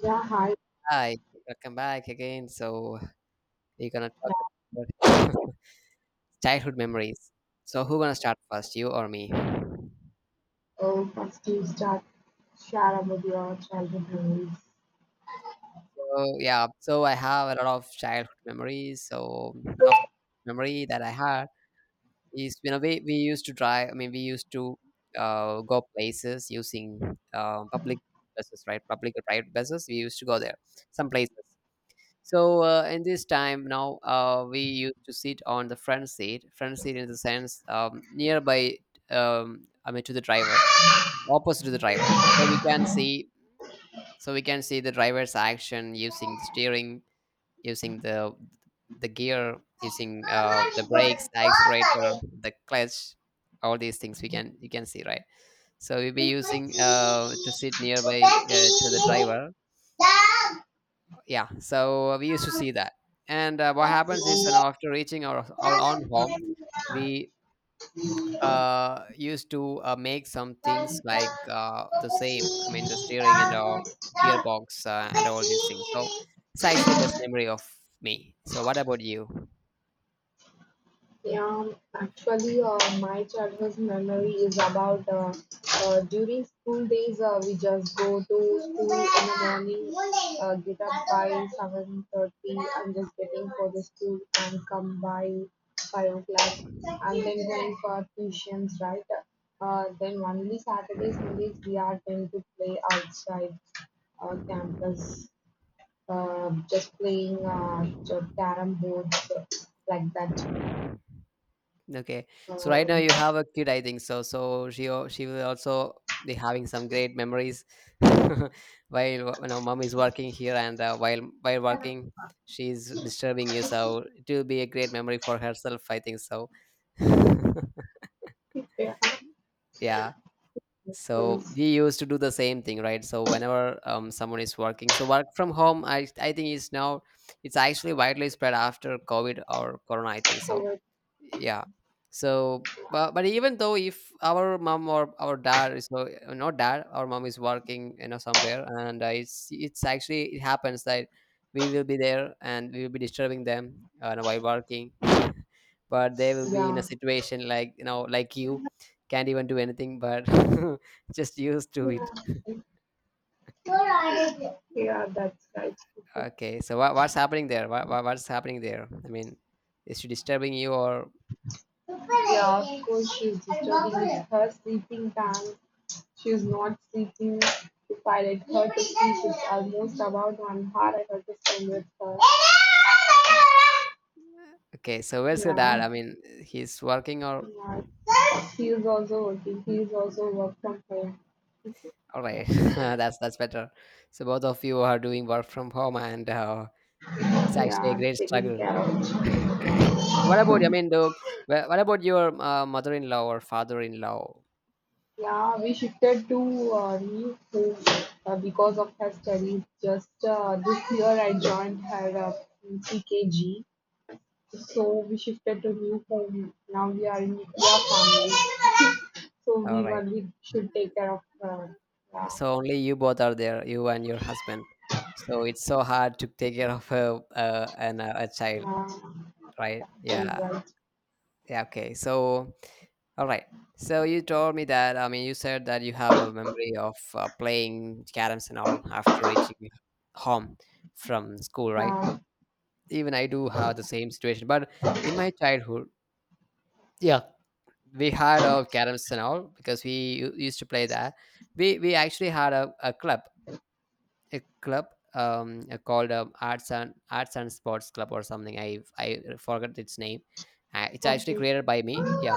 Yeah, hi. Hi, welcome back again. So we're gonna talk about childhood memories. So who gonna start first, you or me? Oh, first you start share about your childhood memories. So I have a lot of childhood memories. So one of the memory that I had is we used to drive. I mean we used to go places using public buses, right? Public or private buses. We used to go there some places. So in this time now, we used to sit on the front seat in the sense nearby. I mean, to the driver, opposite to the driver, so we can see, so we can see the driver's action using the steering, using the gear, using the brakes, accelerator, the clutch, all these things we can you can see, right. So we'll be using to sit nearby to the driver, yeah, so we used to see that. And what happens is, you know, after reaching our own home we used to make some things like the same, I mean the steering and our gearbox and all these things. So it's actually best memory of me. So what about you? Yeah, actually, my childhood memory is about during school days, we just go to school in the morning, get up by 7:30 and just getting for the school and come by 5 o'clock and then going for tuitions, right? Then only Saturdays, Sundays, we are going to play outside campus, just playing carrom boards, like that. Okay. So right now Um you have a kid, I think so. So she will also be having some great memories while, you know, mom is working here and while working she's disturbing you. So it will be a great memory for herself, I think so. Yeah. So is we used to do the same thing, right? So whenever someone is working, so work from home, I think is now it's actually widely spread after COVID or Corona, I think so. over. Yeah. So but even though if our mom or our dad is, no, not dad, our mom is working, you know, somewhere, and it's actually it happens that we will be there and we will be disturbing them while working. But they will be in a Yeah, situation like, you know, like you can't even do anything, but just used to yeah, it. yeah, that's right. Okay, so what's happening there? What's happening there, I mean, is she disturbing you or Yeah, of course, she's disturbing her sleeping time. She's not sleeping. If I let her to sleep, it's almost about 1 hour. I have to spend with her. okay, so where's your dad, Yeah, I mean, he's working or yeah. She is also working. He is also work from home. all right, that's better. So both of you are doing work from home, and it's actually a Yeah, great taking struggle. care of. So what about? I mean, what about your mother-in-law or father-in-law? Yeah, we shifted to new home because of her studies. Just this year, I joined her in CKG, so we shifted to new home. Now we are in nuclear family, so All we right. only should take care of her. Yeah, So only you both are there, you and your husband. So it's so hard to take care of a child, yeah, right? so Yeah. right. Yeah. Okay. So. All right. So you told me that, I mean, you said that you have a memory of playing caroms and all after reaching home from school, right? Yeah, Even I do have the same situation, but in my childhood, yeah, we had a caroms and all because we used to play that. We actually had a club, a club called Arts and Sports Club or something. I forgot its name. It's actually okay. created by me. Yeah,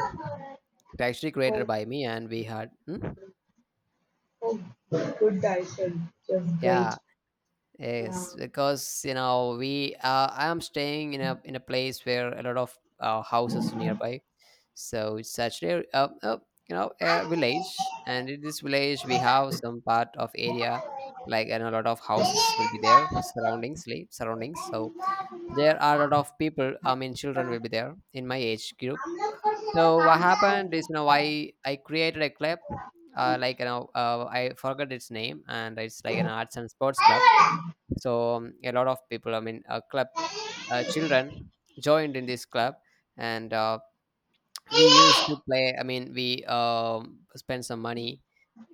it's actually created Oh, by me, and we had. Hmm? oh, good digestion, just great. Yeah, yes, because, you know, we I am staying in a place where a lot of houses nearby. So it's actually you know, a village, and in this village we have some part of area Yeah. like and a lot of houses will be there surroundings like, surroundings. So there are a lot of people. I mean, children will be there in my age group. So what happened is, you know, I created a club, like, you know, I forgot its name, and it's like an arts and sports club. So a lot of people, I mean a club, children joined in this club. And we used to play, I mean we spent some money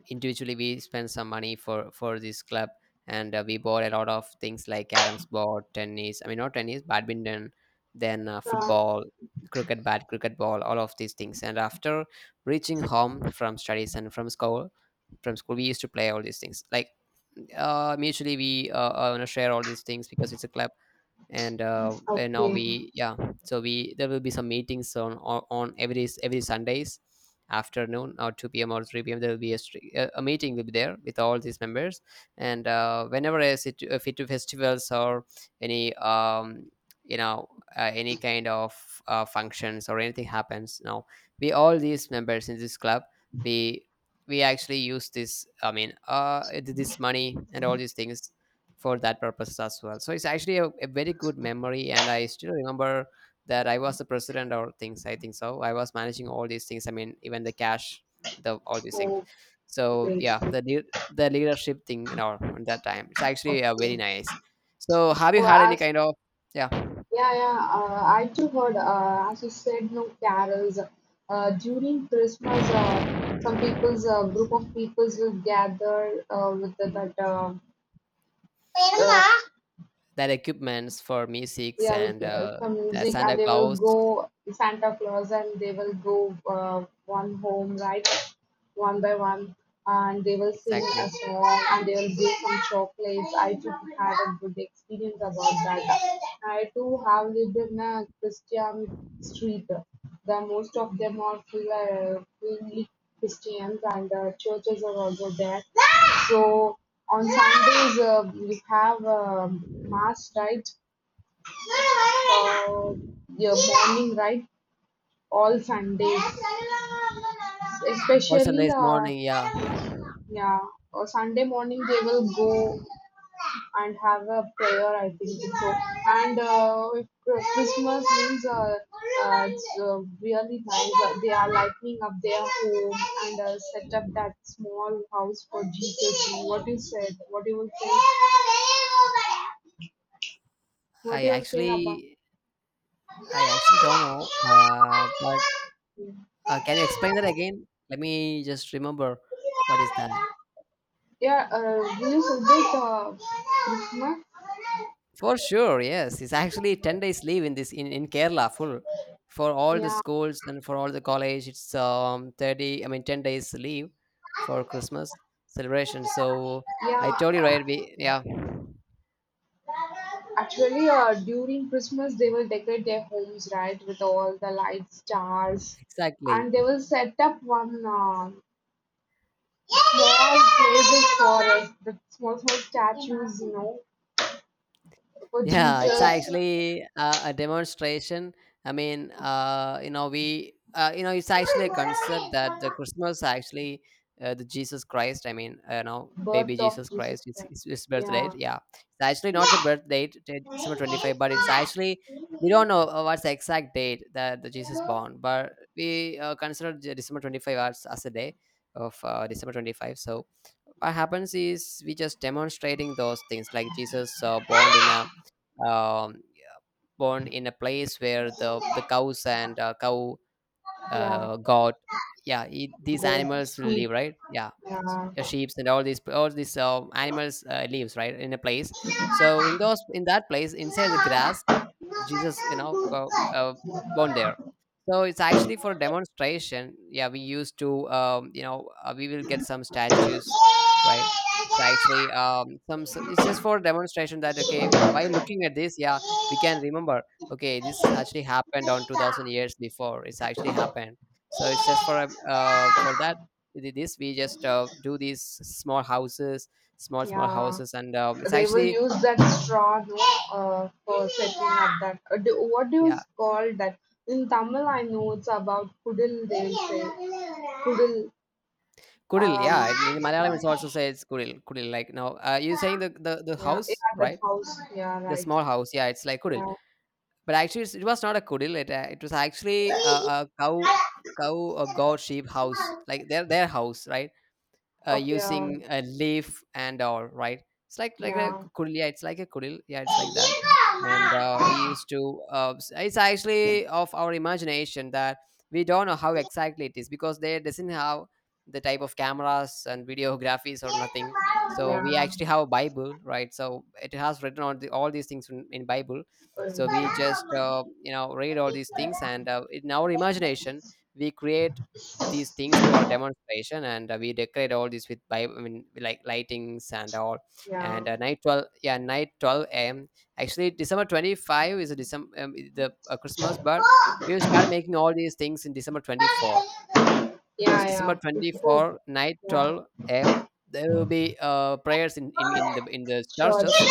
individually, we spent some money for this club. And we bought a lot of things like caroms board, tennis, I mean not tennis, badminton, then Uh, football, cricket bat, cricket ball, all of these things. And after reaching home from studies and from school, we used to play all these things, like mutually, we you know, share all these things because it's a club. And and now okay. we, yeah. So we, there will be some meetings on every every Sundays afternoon or 2 p.m or 3 p.m, there will be a, stri- a meeting will be there with all these members. And whenever I sit fit to festivals or any you know any kind of functions or anything happens now, we, all these members in this club, we we actually use this, I mean this money and all these things for that purpose as well. So it's actually a very good memory, and I still remember that I was the president or things, I think so. I was managing all these things, I mean, even the cash, the all these things. Oh, So great. yeah, Great. the the leadership thing, you know, at that time, it's actually very Okay. nice. So have you So had any as kind of, yeah, yeah, yeah. I too heard. As you said, no carols. During Christmas, some people's group of peoples will gather with that. Uh, that equipments for musics yeah, with and some that music and Santa they will Claus, go Santa Claus and they will go one home, right? One by one and they will sing a exactly? song and they will give some chocolates. I too had a good experience about that. I too have lived in a Christian street. The most of them are fully Christians and churches are also there. So on Sundays, we have mass, right? uh, your morning, right? All Sundays, What's a especially nice morning? Yeah. yeah, or Sunday morning they will go and have a prayer. I think so. And if Christmas means it's really nice. They are lightening up their home and set up that small house for Jesus. What you said? What you will say? What I you will say about? actually I actually don't know, but can you explain that again? Let me just remember what is that. Yeah, will you celebrate this month? For sure, yes, it's actually 10 days leave in this in Kerala full for all the Yeah, schools and for all the college. It's 30, I mean 10 days leave for Christmas celebration. So I yeah. told you, right, we, yeah, Actually, during Christmas, they will decorate their homes, right, with all the lights, stars, exactly. and they will set up one small places for us, the small small statues, for Yeah, it's Jesus, actually a demonstration. I mean, you know, we, you know, it's actually a concept that the Christmas actually, the Jesus Christ. I mean, you know, baby birth of Jesus Jesus Christ. It's, Christ. it's his birth date. Yeah. Yeah, it's actually not the Yeah. birth date, December 25, but it's actually, we don't know what's the exact date that the Jesus born, but we consider the December 25 as a day of December 25. So what happens is we just demonstrating those things like Jesus um, born in a place where the cows and cow god, yeah, it, these The animals will sheep. live, right, yeah, Yeah. sheep and all these animals lives, right, in a place. So in those, in that place, inside the grass, Jesus, you know, go, born there. So it's actually for demonstration. Yeah, we used to, you know, we will get some statues, right? It's actually some. It's just for demonstration that, okay, while looking at this, yeah, we can remember. Okay, this actually happened on 2,000 years before. It's actually happened. So it's just for that. This we just do these small houses, small small Yeah, houses, and it's they will actually, use that straw, no, for setting up that. What do you yeah. call that? In Tamil, I know it's about kudil, they will say. Kudil. Kudil, Um, yeah. In Malayalam, it's also says Kudil, Kudil. Like now, you're saying the yeah, house, yeah, that right? house. Yeah, The right. small house, yeah. It's like Kudil, Yeah. but actually, it was not a Kudil. It was actually a cow, a goat, sheep house, like their house, right? Uh, Okay. Using a leaf and all right, it's like a Yeah, kudil, yeah, it's like a kudil, yeah, it's like that. And yeah, we used to it's actually of our imagination that we don't know how exactly it is because they doesn't have the type of cameras and videographies or nothing. So we actually have a Bible, right, so it has written all, the, all these things in Bible. ஒரு So we just நிமிஷம். You know, read all these things. And in our imagination we create these things for demonstration. And we decorate all this with Bible, I mean like lightings and all. And night 12, yeah, night 12 a.m. Actually December 25 is a December the Christmas. But we will start making all these things in December 24, Yeah, because yeah, December yeah. Before, 24 night yeah, 12 a.m there will be prayers in, in the sure. churches.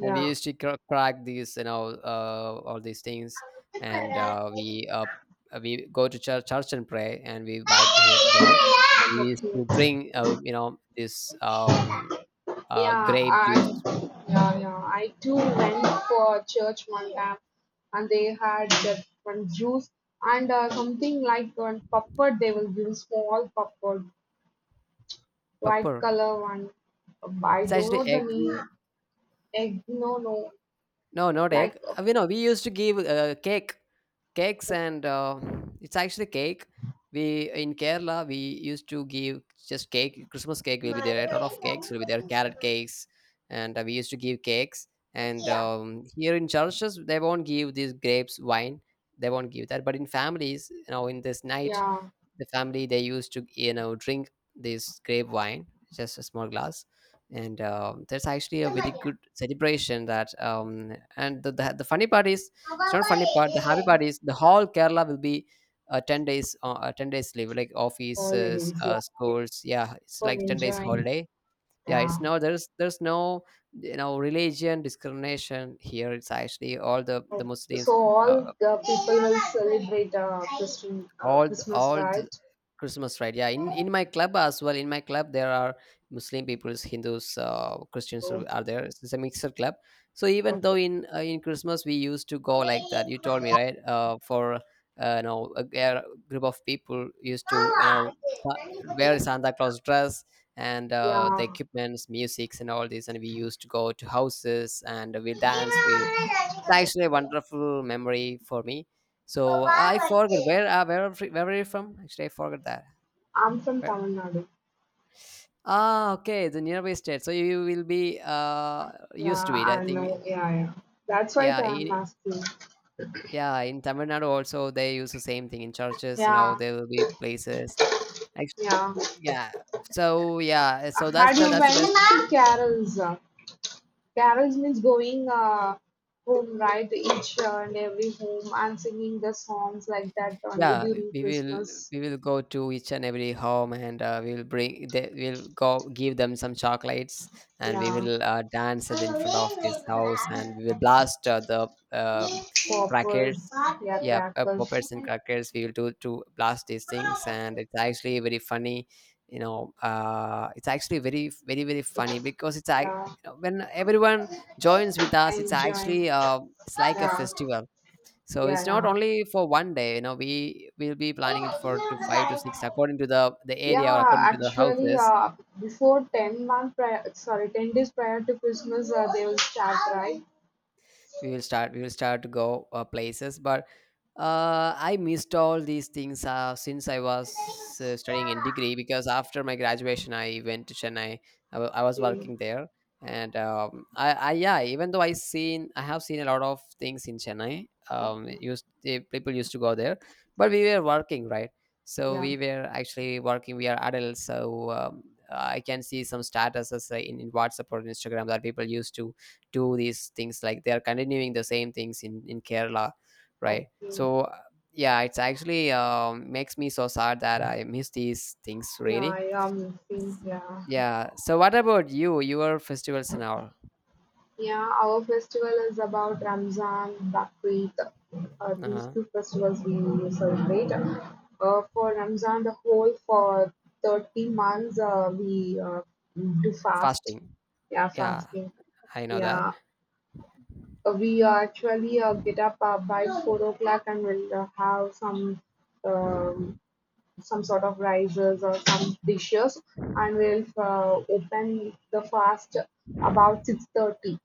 And we used to crack these, you know, all these things. And we go to church, and pray, and we back here there. Yeah, And we used to okay. drink you know, this Yeah, grape I juice, yeah, yeah. I too went for church one time, and they had that one juice and something like one puppet. They will give small puppet, white pepper, color one. I it's don't actually know the egg. name. Egg, no, no. No, not Like egg. uh, You know, we used to give cake, cakes, and it's actually cake. We in Kerala we used to give just cake. Christmas cake will be there. A lot of yeah, cakes will be there. Carrot cakes, and we used to give cakes. And here in churches, they won't give these grapes wine. They won't give that. But in families, in this night, the family they used to drink this grape wine, just a small glass. And there's actually a very good celebration that and the funny part is, it's not funny part, the happy part is, the whole Kerala will be 10 days 10 days leave, like all it offices, is. Yeah, schools. Yeah, it's for like 10 days enjoying. holiday. Yeah, it's Yeah. no, there's no religion discrimination here. It's actually all the Oh, Muslims, so all uh, the people will celebrate Christian all the, Christmas, all the right? Christmas, right? Yeah, in my club as well, in my club there are Muslim peoples, Hindus, Christians Oh, are there. It's a mixer club. So even okay. though in Christmas we used to go like that, you told me, right? For a group of people used to sa- wear Santa Claus dress. And the Yeah, equipments, musics, and all this, and we used to go to houses, and we'll dance, we'll it's actually a wonderful memory for me. So I forgot where are you from? Actually, I forgot that. I'm from Where? Tamil Nadu. Ah, okay, the nearby state. So you will be Yeah, used to it, I I think. know. Yeah, yeah. That's why Yeah, I'm in asking. yeah, in Tamil Nadu also they use the same thing in churches. You know, Yeah, there will be places. Actu- yeah. Yeah. So yeah, so Had you that's went the best. to Carol's? Carols means going home, right? Each and every home and singing the songs like that only Yeah, during Christmas. we will go to each and every home, and we will bring, they will go give them some chocolates, and we Yeah, will dance in front of this house, and we will blast the poppers, crackers. yeah, Yeah, crackers, poppers and crackers. We will do to blast these things, and it's actually very funny. You know, it's actually very very very funny because it's I you yeah, know, when everyone joins with us, it's enjoying, actually it's like a yeah, festival, so it's not yeah, only for one day. You know, we will be planning it for to five to six yeah. according to the area or Yeah, according to the actually, houses. Before 10-month prior, sorry, 10 days prior to Christmas, they will start, right? We will start to go places, but I missed all these things since I was studying in degree because after my graduation I went to Chennai. I was Okay, working there. And I yeah, even though I have seen a lot of things in Chennai. It used The people used to go there, but we were working, right? So yeah, we were actually working, we are adults, so I can see some statuses in WhatsApp or Instagram that people used to do these things, like they are continuing the same things in Kerala, right? okay, So yeah, it's actually, makes me so sad that I miss these things, yeah, really. yeah, Mufi, yeah. Yeah, so what about you, your festivals and all? Yeah, our festival is about Ramzan, Bakrid. These Uh-huh. two festivals we celebrate. For Ramzan, the whole for 30 months we do fast. Fasting. Yeah, Yeah, fasting. I know that. Yeah, we actually get up by 4 o'clock and we'll have um, some sort of rices or some dishes, and we'll open the fast about 6:30,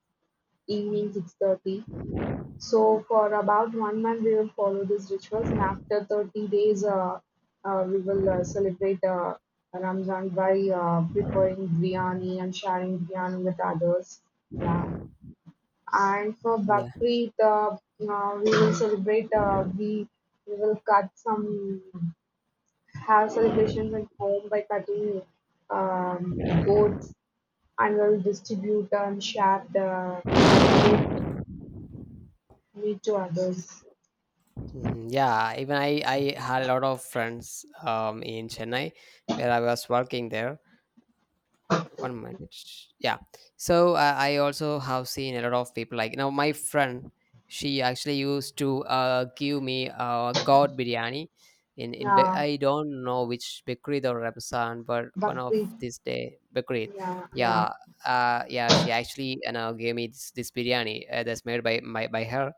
evening 6:30. So for about 1 month, we will follow these rituals, and after 30 days, we will celebrate Ramzan by preparing biryani and sharing biryani with others. Yeah, and for Yeah. Bakri, we will celebrate. We will cut some have celebrations at home by cutting goats and will distribute and share the meat to others. Mhm. Yeah, even I had a lot of friends in Chennai where I was working there. One minute. Yeah. So I also have seen a lot of people. Like, now my friend, she actually used to give me god biryani in Yeah, I don't know which bakery or Ramsan, but one but of we this day bakery. yeah, yeah, Yeah. Yeah, she actually gave me this biryani that's made by her.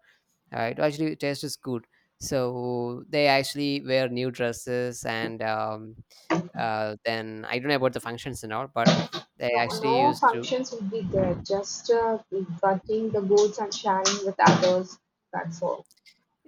It tastes good. So they actually wear new dresses, and then I don't know about the functions and all, but they no, actually no used to. functions would be there. Just cutting the goats and sharing with others. That's all.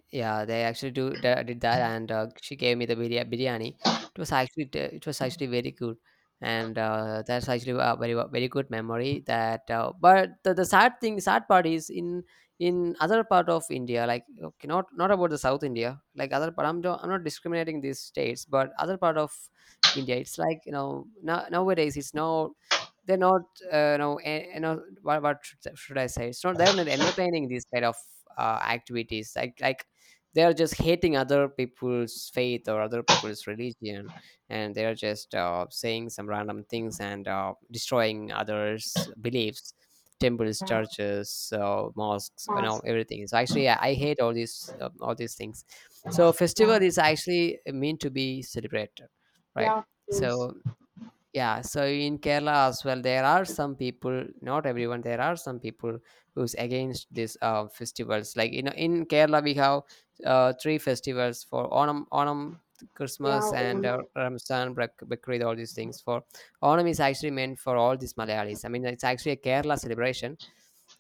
Yeah, they actually did that, and she gave me the biryani. It was actually very good, and that's actually a very very good memory. That But the sad thing, sad part, is in other part of India, like, okay, not about the South India, like other part. I'm not discriminating these states, but other part of India, it's like, nowadays it's not, they're not, what should I say? It's not, they're not entertaining these kind of activities, like, they are just hating other people's faith or other people's religion, and they are just saying some random things, and destroying others beliefs, temples, Yeah, churches, mosques, you know, mask. everything. So actually, I hate all these, all these things. So festival Yeah, is actually meant to be celebrated, right? yeah, please. So yeah, so in Kerala as well, there are some people, not everyone, there are some people who's against these festivals. Like, in Kerala we have three festivals: for Onam, Onam, Yeah, Christmas, and Onam. Ramzan, Bakrid, all these things. For Onam is actually meant for all these Malayalis. I mean, it's actually a Kerala celebration.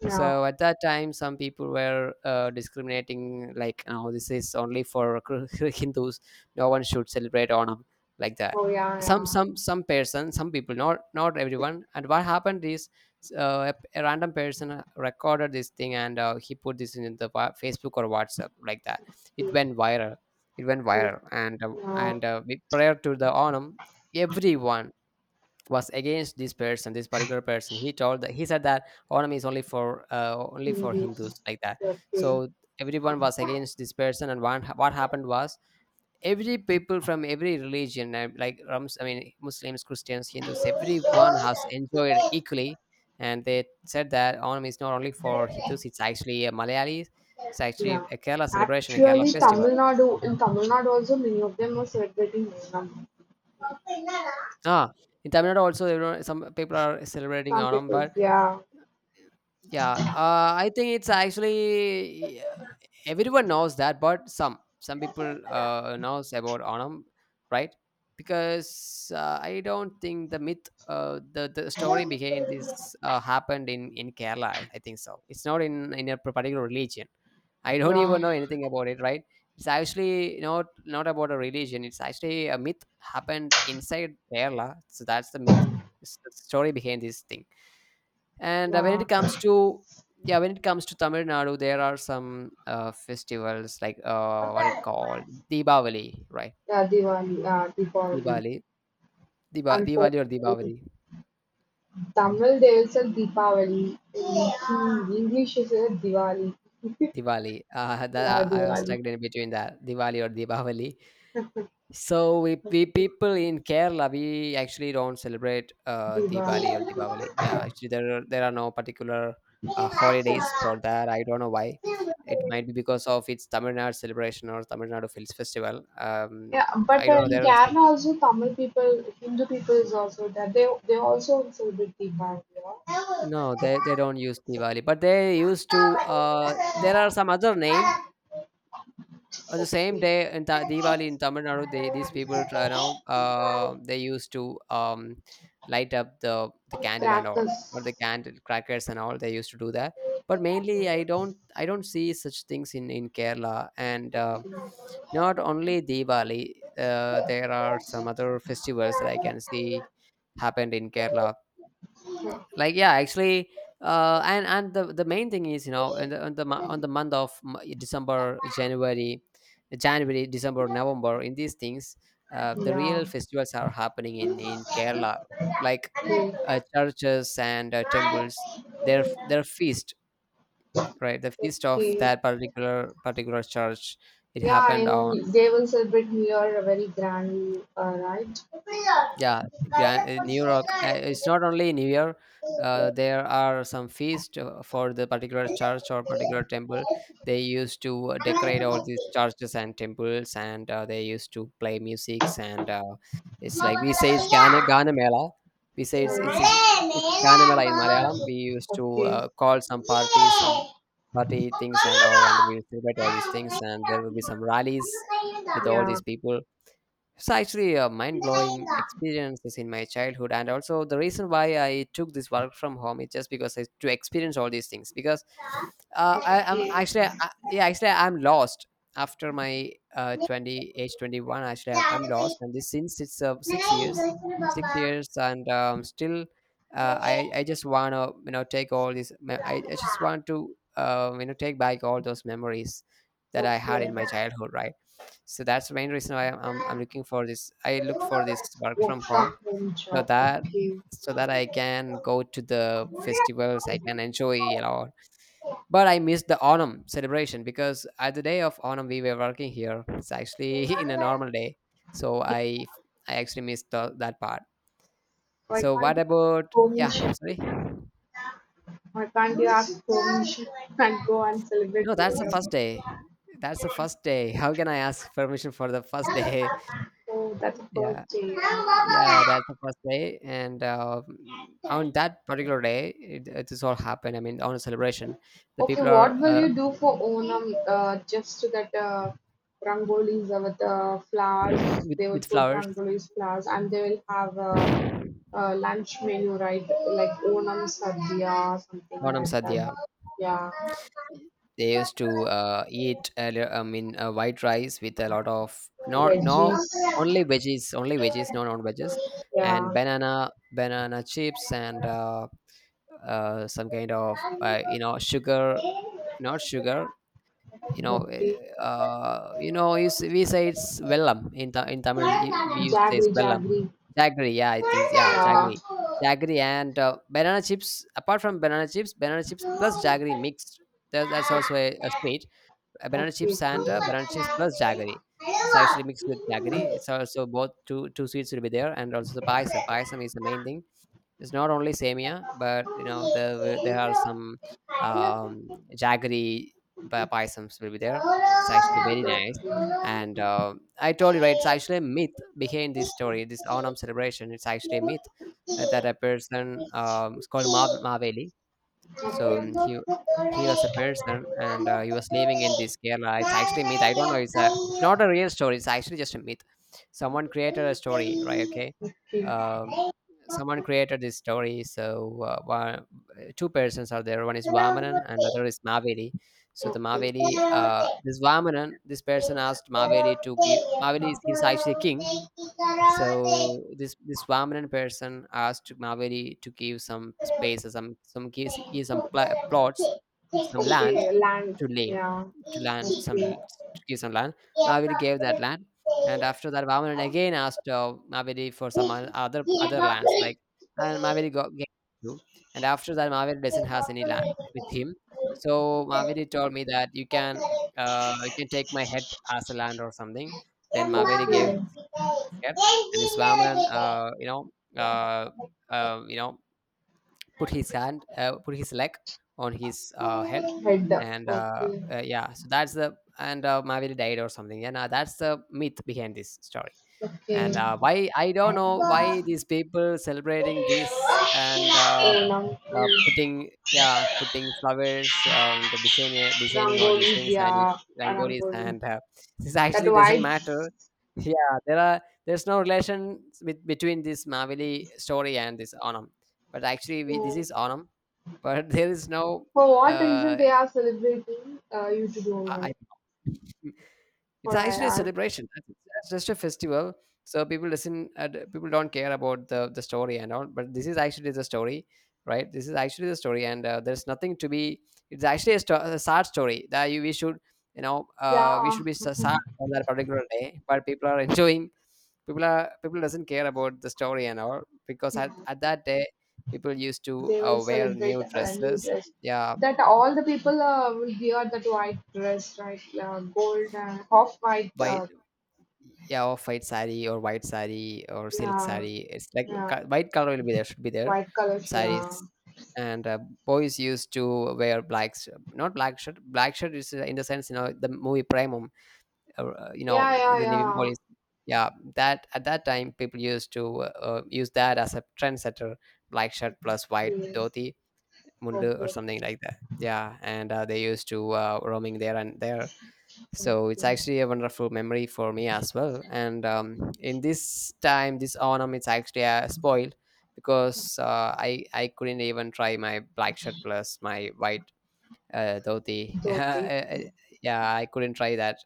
Yeah, So at that time, some people were discriminating, like, "Oh, this is only for Hindus. No one should celebrate Onam like that." oh, yeah, yeah. Some people, not everyone. And what happened is, a random person recorded this thing, and he put this in the Facebook or WhatsApp, like that. it Yeah, went viral it went oh, viral, yeah. Prior to the Onam, everyone was against this person, this particular person. He told that, he said that Onam is only for only for Hindus. Hindus, like that. Okay. So everyone was against this person, and what happened was, every people from every religion, like, Rams, I mean Muslims, Christians, Hindus, everyone has enjoyed equally. And they said that Onam is not only for Hindus, it's actually a Malayali, it's actually Yeah. a Kerala celebration, a Kerala Actually, festival. In Tamil Nadu also, many of them are celebrating Onam. Ah, in Tamil Nadu also, some people are celebrating Some Onam, people, but yeah. yeah, I think it's actually, everyone knows that, but some people knows about Onam, right? Because I don't think the myth the story behind this happened in Kerala. I think so, it's not in a particular religion. I don't Yeah. even know anything about it, right? It's actually not about a religion, it's actually a myth happened inside Kerala. So that's the myth, it's the story behind this thing. And when Yeah. it comes to Yeah, when it comes to Tamil Nadu, there are some festivals, like, what it called, Deepavali, right? Yeah, Diwali, Deepavali. Diwali, And for Diwali or Deepavali, Tamil, they will say Deepavali. In English, they say Diwali. Diwali. Yeah, I was Diwali. stuck in between that Diwali or Deepavali. So we people in Kerala, we actually don't celebrate Diwali. Diwali or Diwali. Yeah, actually there are no particular Yes. holidays for that. I don't know why. It might be because of its Tamil Nadu celebration or Tamil Nadu Films Festival. Yeah, but I don't know. in There are some. Kerala also Tamil people, Hindu people is also there. They also celebrate Diwali. Yeah? No, they don't use Diwali, but they used to. There are some other name on the same Okay. day in Diwali in Tamil Nadu, these people try now, they used to, light up the candle and all, Crackers. or the candle crackers and all. They used to do that, but mainly I don't see such things in Kerala and. Okay. Not only Diwali, there are some other festivals that I can see happened in Kerala, Okay. like, yeah, actually, and the main thing is, you know, on on the month of December, January, January, December, November, in these things, the real Yeah. festivals are happening in Okay. Kerala. Like, churches and temples, their feast, right? The feast of Okay. that particular church. It Yeah, happened on. and they will celebrate New Year very grand, right? Yeah, New York. It's not only New Year. Oh. There are some feast for the particular church or particular temple. They used to decorate all these churches and temples, and they used to play musics. And it's like we say it's Gana Mela. We say it's, it's Gana Mela in Malayalam. We used to Okay. Call some parties, some party things, and all, and we celebrate all these things. And there will be some rallies with all Yeah. these people, so actually mind-blowing experiences in my childhood, and also the reason why I took this work from home is just because to experience all these things because I am Okay. Okay. actually I, yeah, actually I'm lost after my 20 age 21, actually I'm lost. And this, since it's 6 years, and still, I just want to take all I just want to take back all those memories that I had in my childhood, right? So that's the main reason why I'm looking for this. I look for this work Work from from home, home so job. that Okay. I can go to the festivals. I can enjoy a lot. But I missed the Onam celebration because at the day of Onam we were working here. It's actually in a normal day, so I actually missed that part. Why So can't what you about, home in yeah? Chennai? Sorry, Why can't you ask permission and go and celebrate no, that's the first together? day. That's the first day. How can I ask permission for the first day? Oh, that's a Yeah. first day. Yeah, that's the first day, and on that particular day, it is all happened. I mean, on a celebration, the Okay, people are what will you do for Onam? Just so that rangolis with flowers, with they will put flowers. rangolis, flowers, and they will have a lunch menu, right? Like Onam sadhya, something Onam like that. Sadhya. Yeah. They used to eat. I mean, white rice with a lot of not no Veggies. only veggies, only veggies, no non veggies, Yeah. and banana chips and some kind of sugar, not sugar. You know eh, Okay. You know you we say it's vellam in ta in tamil we used to say it's Jaggery, vellam. jaggery. Jaggery, yeah, I think. Yeah, Yeah. jaggery, and banana chips, apart from banana chips, banana chips plus jaggery mixed. That's also a sweet. Banana chips Okay. and banana chips plus jaggery, it's actually mixed with jaggery. It's also both two sweets will be there. And also the Okay. Paisam is the main thing. It's not only samia, but you know there are some jaggery paisams will be there. It's actually very nice. And I told you, right, it's actually a myth behind this story, this Onam celebration. It's actually a myth, that a person, it's called Maveli. So he was a person, and he was living in this Kerala. It's actually a myth. I don't know. It's not a real story. It's actually just a myth. Someone created a story, right? Okay. Um, Someone created this story. So two persons are there. One is Vamanan, and other is Maveli. So the Okay. Maveli, Okay, this Vamanan, this person asked Maveli to give. Maveli is, he's actually a king. So this Vamanan person asked Maveri to give some Okay, spaces, some give, give some plots, some land land. to lay, Yeah. to land some Okay. to give some land. Maveri gave that land, and after that, Vamanan again asked Maveri for some other lands, like, and Maveri got gave two, and after that, Maveri doesn't has any land with him. So Maveri told me that you can take my head as a land or something. Then Maveri gave escaped, and this Brahmin, uh, uh, you know, put his hand, Okay. Put his leg on his head, Head. and Okay. Yeah, so that's the, and Maviri died or something. Yeah, now that's the myth behind this story. Okay. And why I don't know why these people celebrating this, and Onam is putting, yeah, putting flowers, the designing all these rangolis, things, and yeah, rangolis, rangoli, and this that actually doesn't white. matter. Yeah, there are, there's no relation with, between this mavili story and this onam. But actually this So is onam, but there is no, for what reason uh they are celebrating, you to don't I know, don't know. It's for actually a ir, celebration. It's just a festival. So people listen. People don't care about the story and all. But this is actually the story, right? This is actually the story, and there's nothing to be. It's actually a sad story that we should, you know, we yeah. should be so sad on that particular day. But people are enjoying. People doesn't care about the story and all because at that day people used to They will wear celebrate new a new dresses. dress, Yeah, that all the people will wear that white dress, right? Gold, off white, white. Yeah, or white sari or white sari or silk yeah, sari. It's like yeah, white color will be there, should be there, white color, yeah, saris. And boys used to wear not black shirt. Black shirt is, in the sense, you know, the movie primum, or, you know, yeah, yeah, the navy yeah. boys, yeah. That at that time people used to use that as a trendsetter. Black shirt They plus white dhoti, mundu or forget something like that, yeah. And they used to roaming there and there. So it's everything, actually a wonderful memory for me as well. And in this time this autumn it's actually spoiled because I couldn't even try my black shirt plus my white dhoti. though they Yeah, I couldn't try that.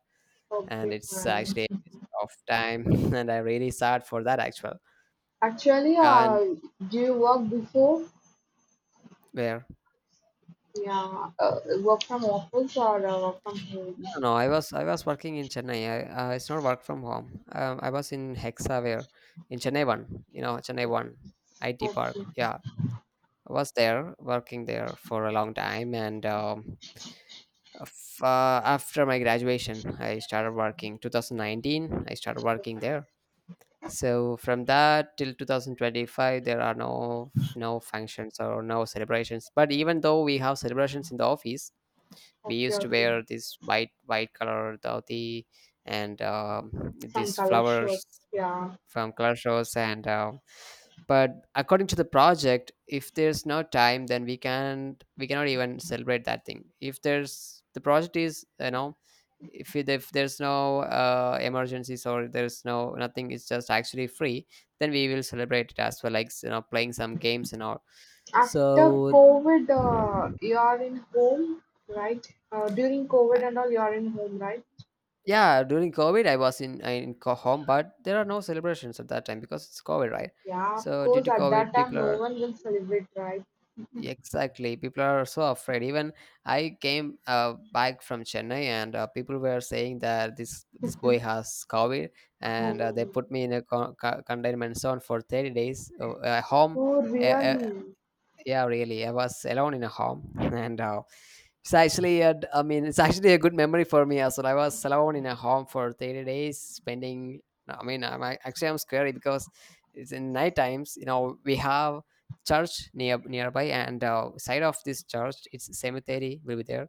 And forget it's money. actually a waste of time. And I really sad for that actual. Actually, And do you work before? where? Yeah, work from office or work from home? No, no, no, I was working in Chennai. It's not work from home. I was in Hexa where, in Chennai one. You know Chennai one IT park. Okay, Yeah, I was there working there for a long time. And after my graduation I started working 2019. I started working there, so from that till 2025 there are no functions or no celebrations. But even though we have celebrations in the office, we okay, used to okay. wear this white color dhoti. And Some these color shirts, flowers yeah. from Clash Royale. And but according to the project, if there's no time, then we cannot even celebrate that thing. If there's, the project is, you know, if there's no emergencies or there's no nothing, it's just actually free. Then we will celebrate it as well, like you know playing some games and all. After So COVID, you are in home, right? During uh, COVID and all, you are in home, right? yeah, during COVID, I was in home, but there are no celebrations at that time because it's COVID, right? Yeah, of So due course, to at that COVID, time, people no are. one will celebrate, right? Exactly. People are so afraid. Even I came back from Chennai, and people were saying that this boy has COVID, and they Oh, put me in a containment zone for 30 days. Home, oh uh, really? yeah, really, I was alone in a home. And it's actually a, I mean, it's actually a good memory for me as well. I was alone in a home for 30 days spending. No, I mean, actually I'm scary because it's in night times, you know, we have church nearby. And side of this church it's cemetery will be there.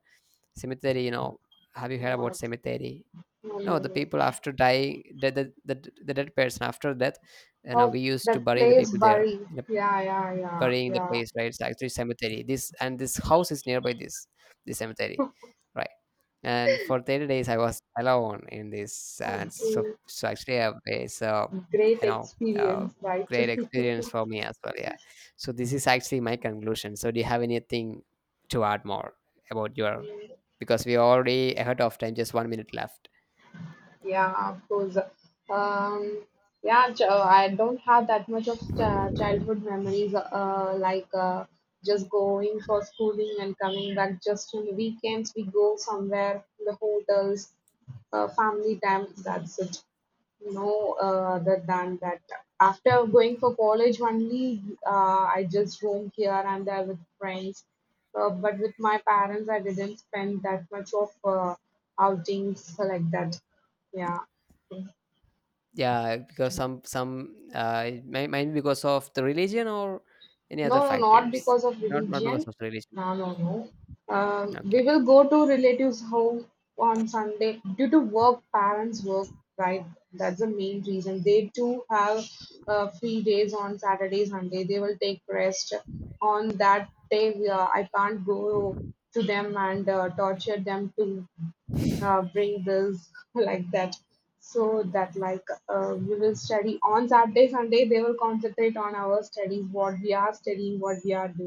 Cemetery, you know, have you heard about What? cemetery? No, no, No, the no. people after dying, the dead person after death, you know, Oh, we used to that bury the place, people there Bari. in a Yeah, yeah, yeah, burying the yeah. place, right? It's actually cemetery. This, and this house is nearby this cemetery, right? And for 30 days, I was alone in this. And Okay. so actually, it's Great you know uh, experience, right? great experience for me as well. Yeah. So this is actually my conclusion. So do you have anything to add more about your? Because we are already ahead of time, just 1 minute left. Yeah, of course. Um, yeah, I don't have that much of childhood memories, like just going for schooling and coming back. Just on the weekends, we go somewhere in the hotels, family time. That's it. No, other than that, after going for college only, uh, I just roam here and there with friends. But with my parents, I didn't spend that much of outings like that. Yeah. Yeah, because some it might be because of the religion or any other No, no, not factors. because of Not because religion. of the religion. No, no, no. Okay, We will okay. go to relatives' home on Sunday due to work, parents' work, right? That's the main reason. They too have free days on Saturday, Sunday. They will take rest on that day. I can't go to them and torture them to bring bills like that, so that like we will study on Saturday, Sunday they will concentrate on our studies, what we are studying, what we are doing.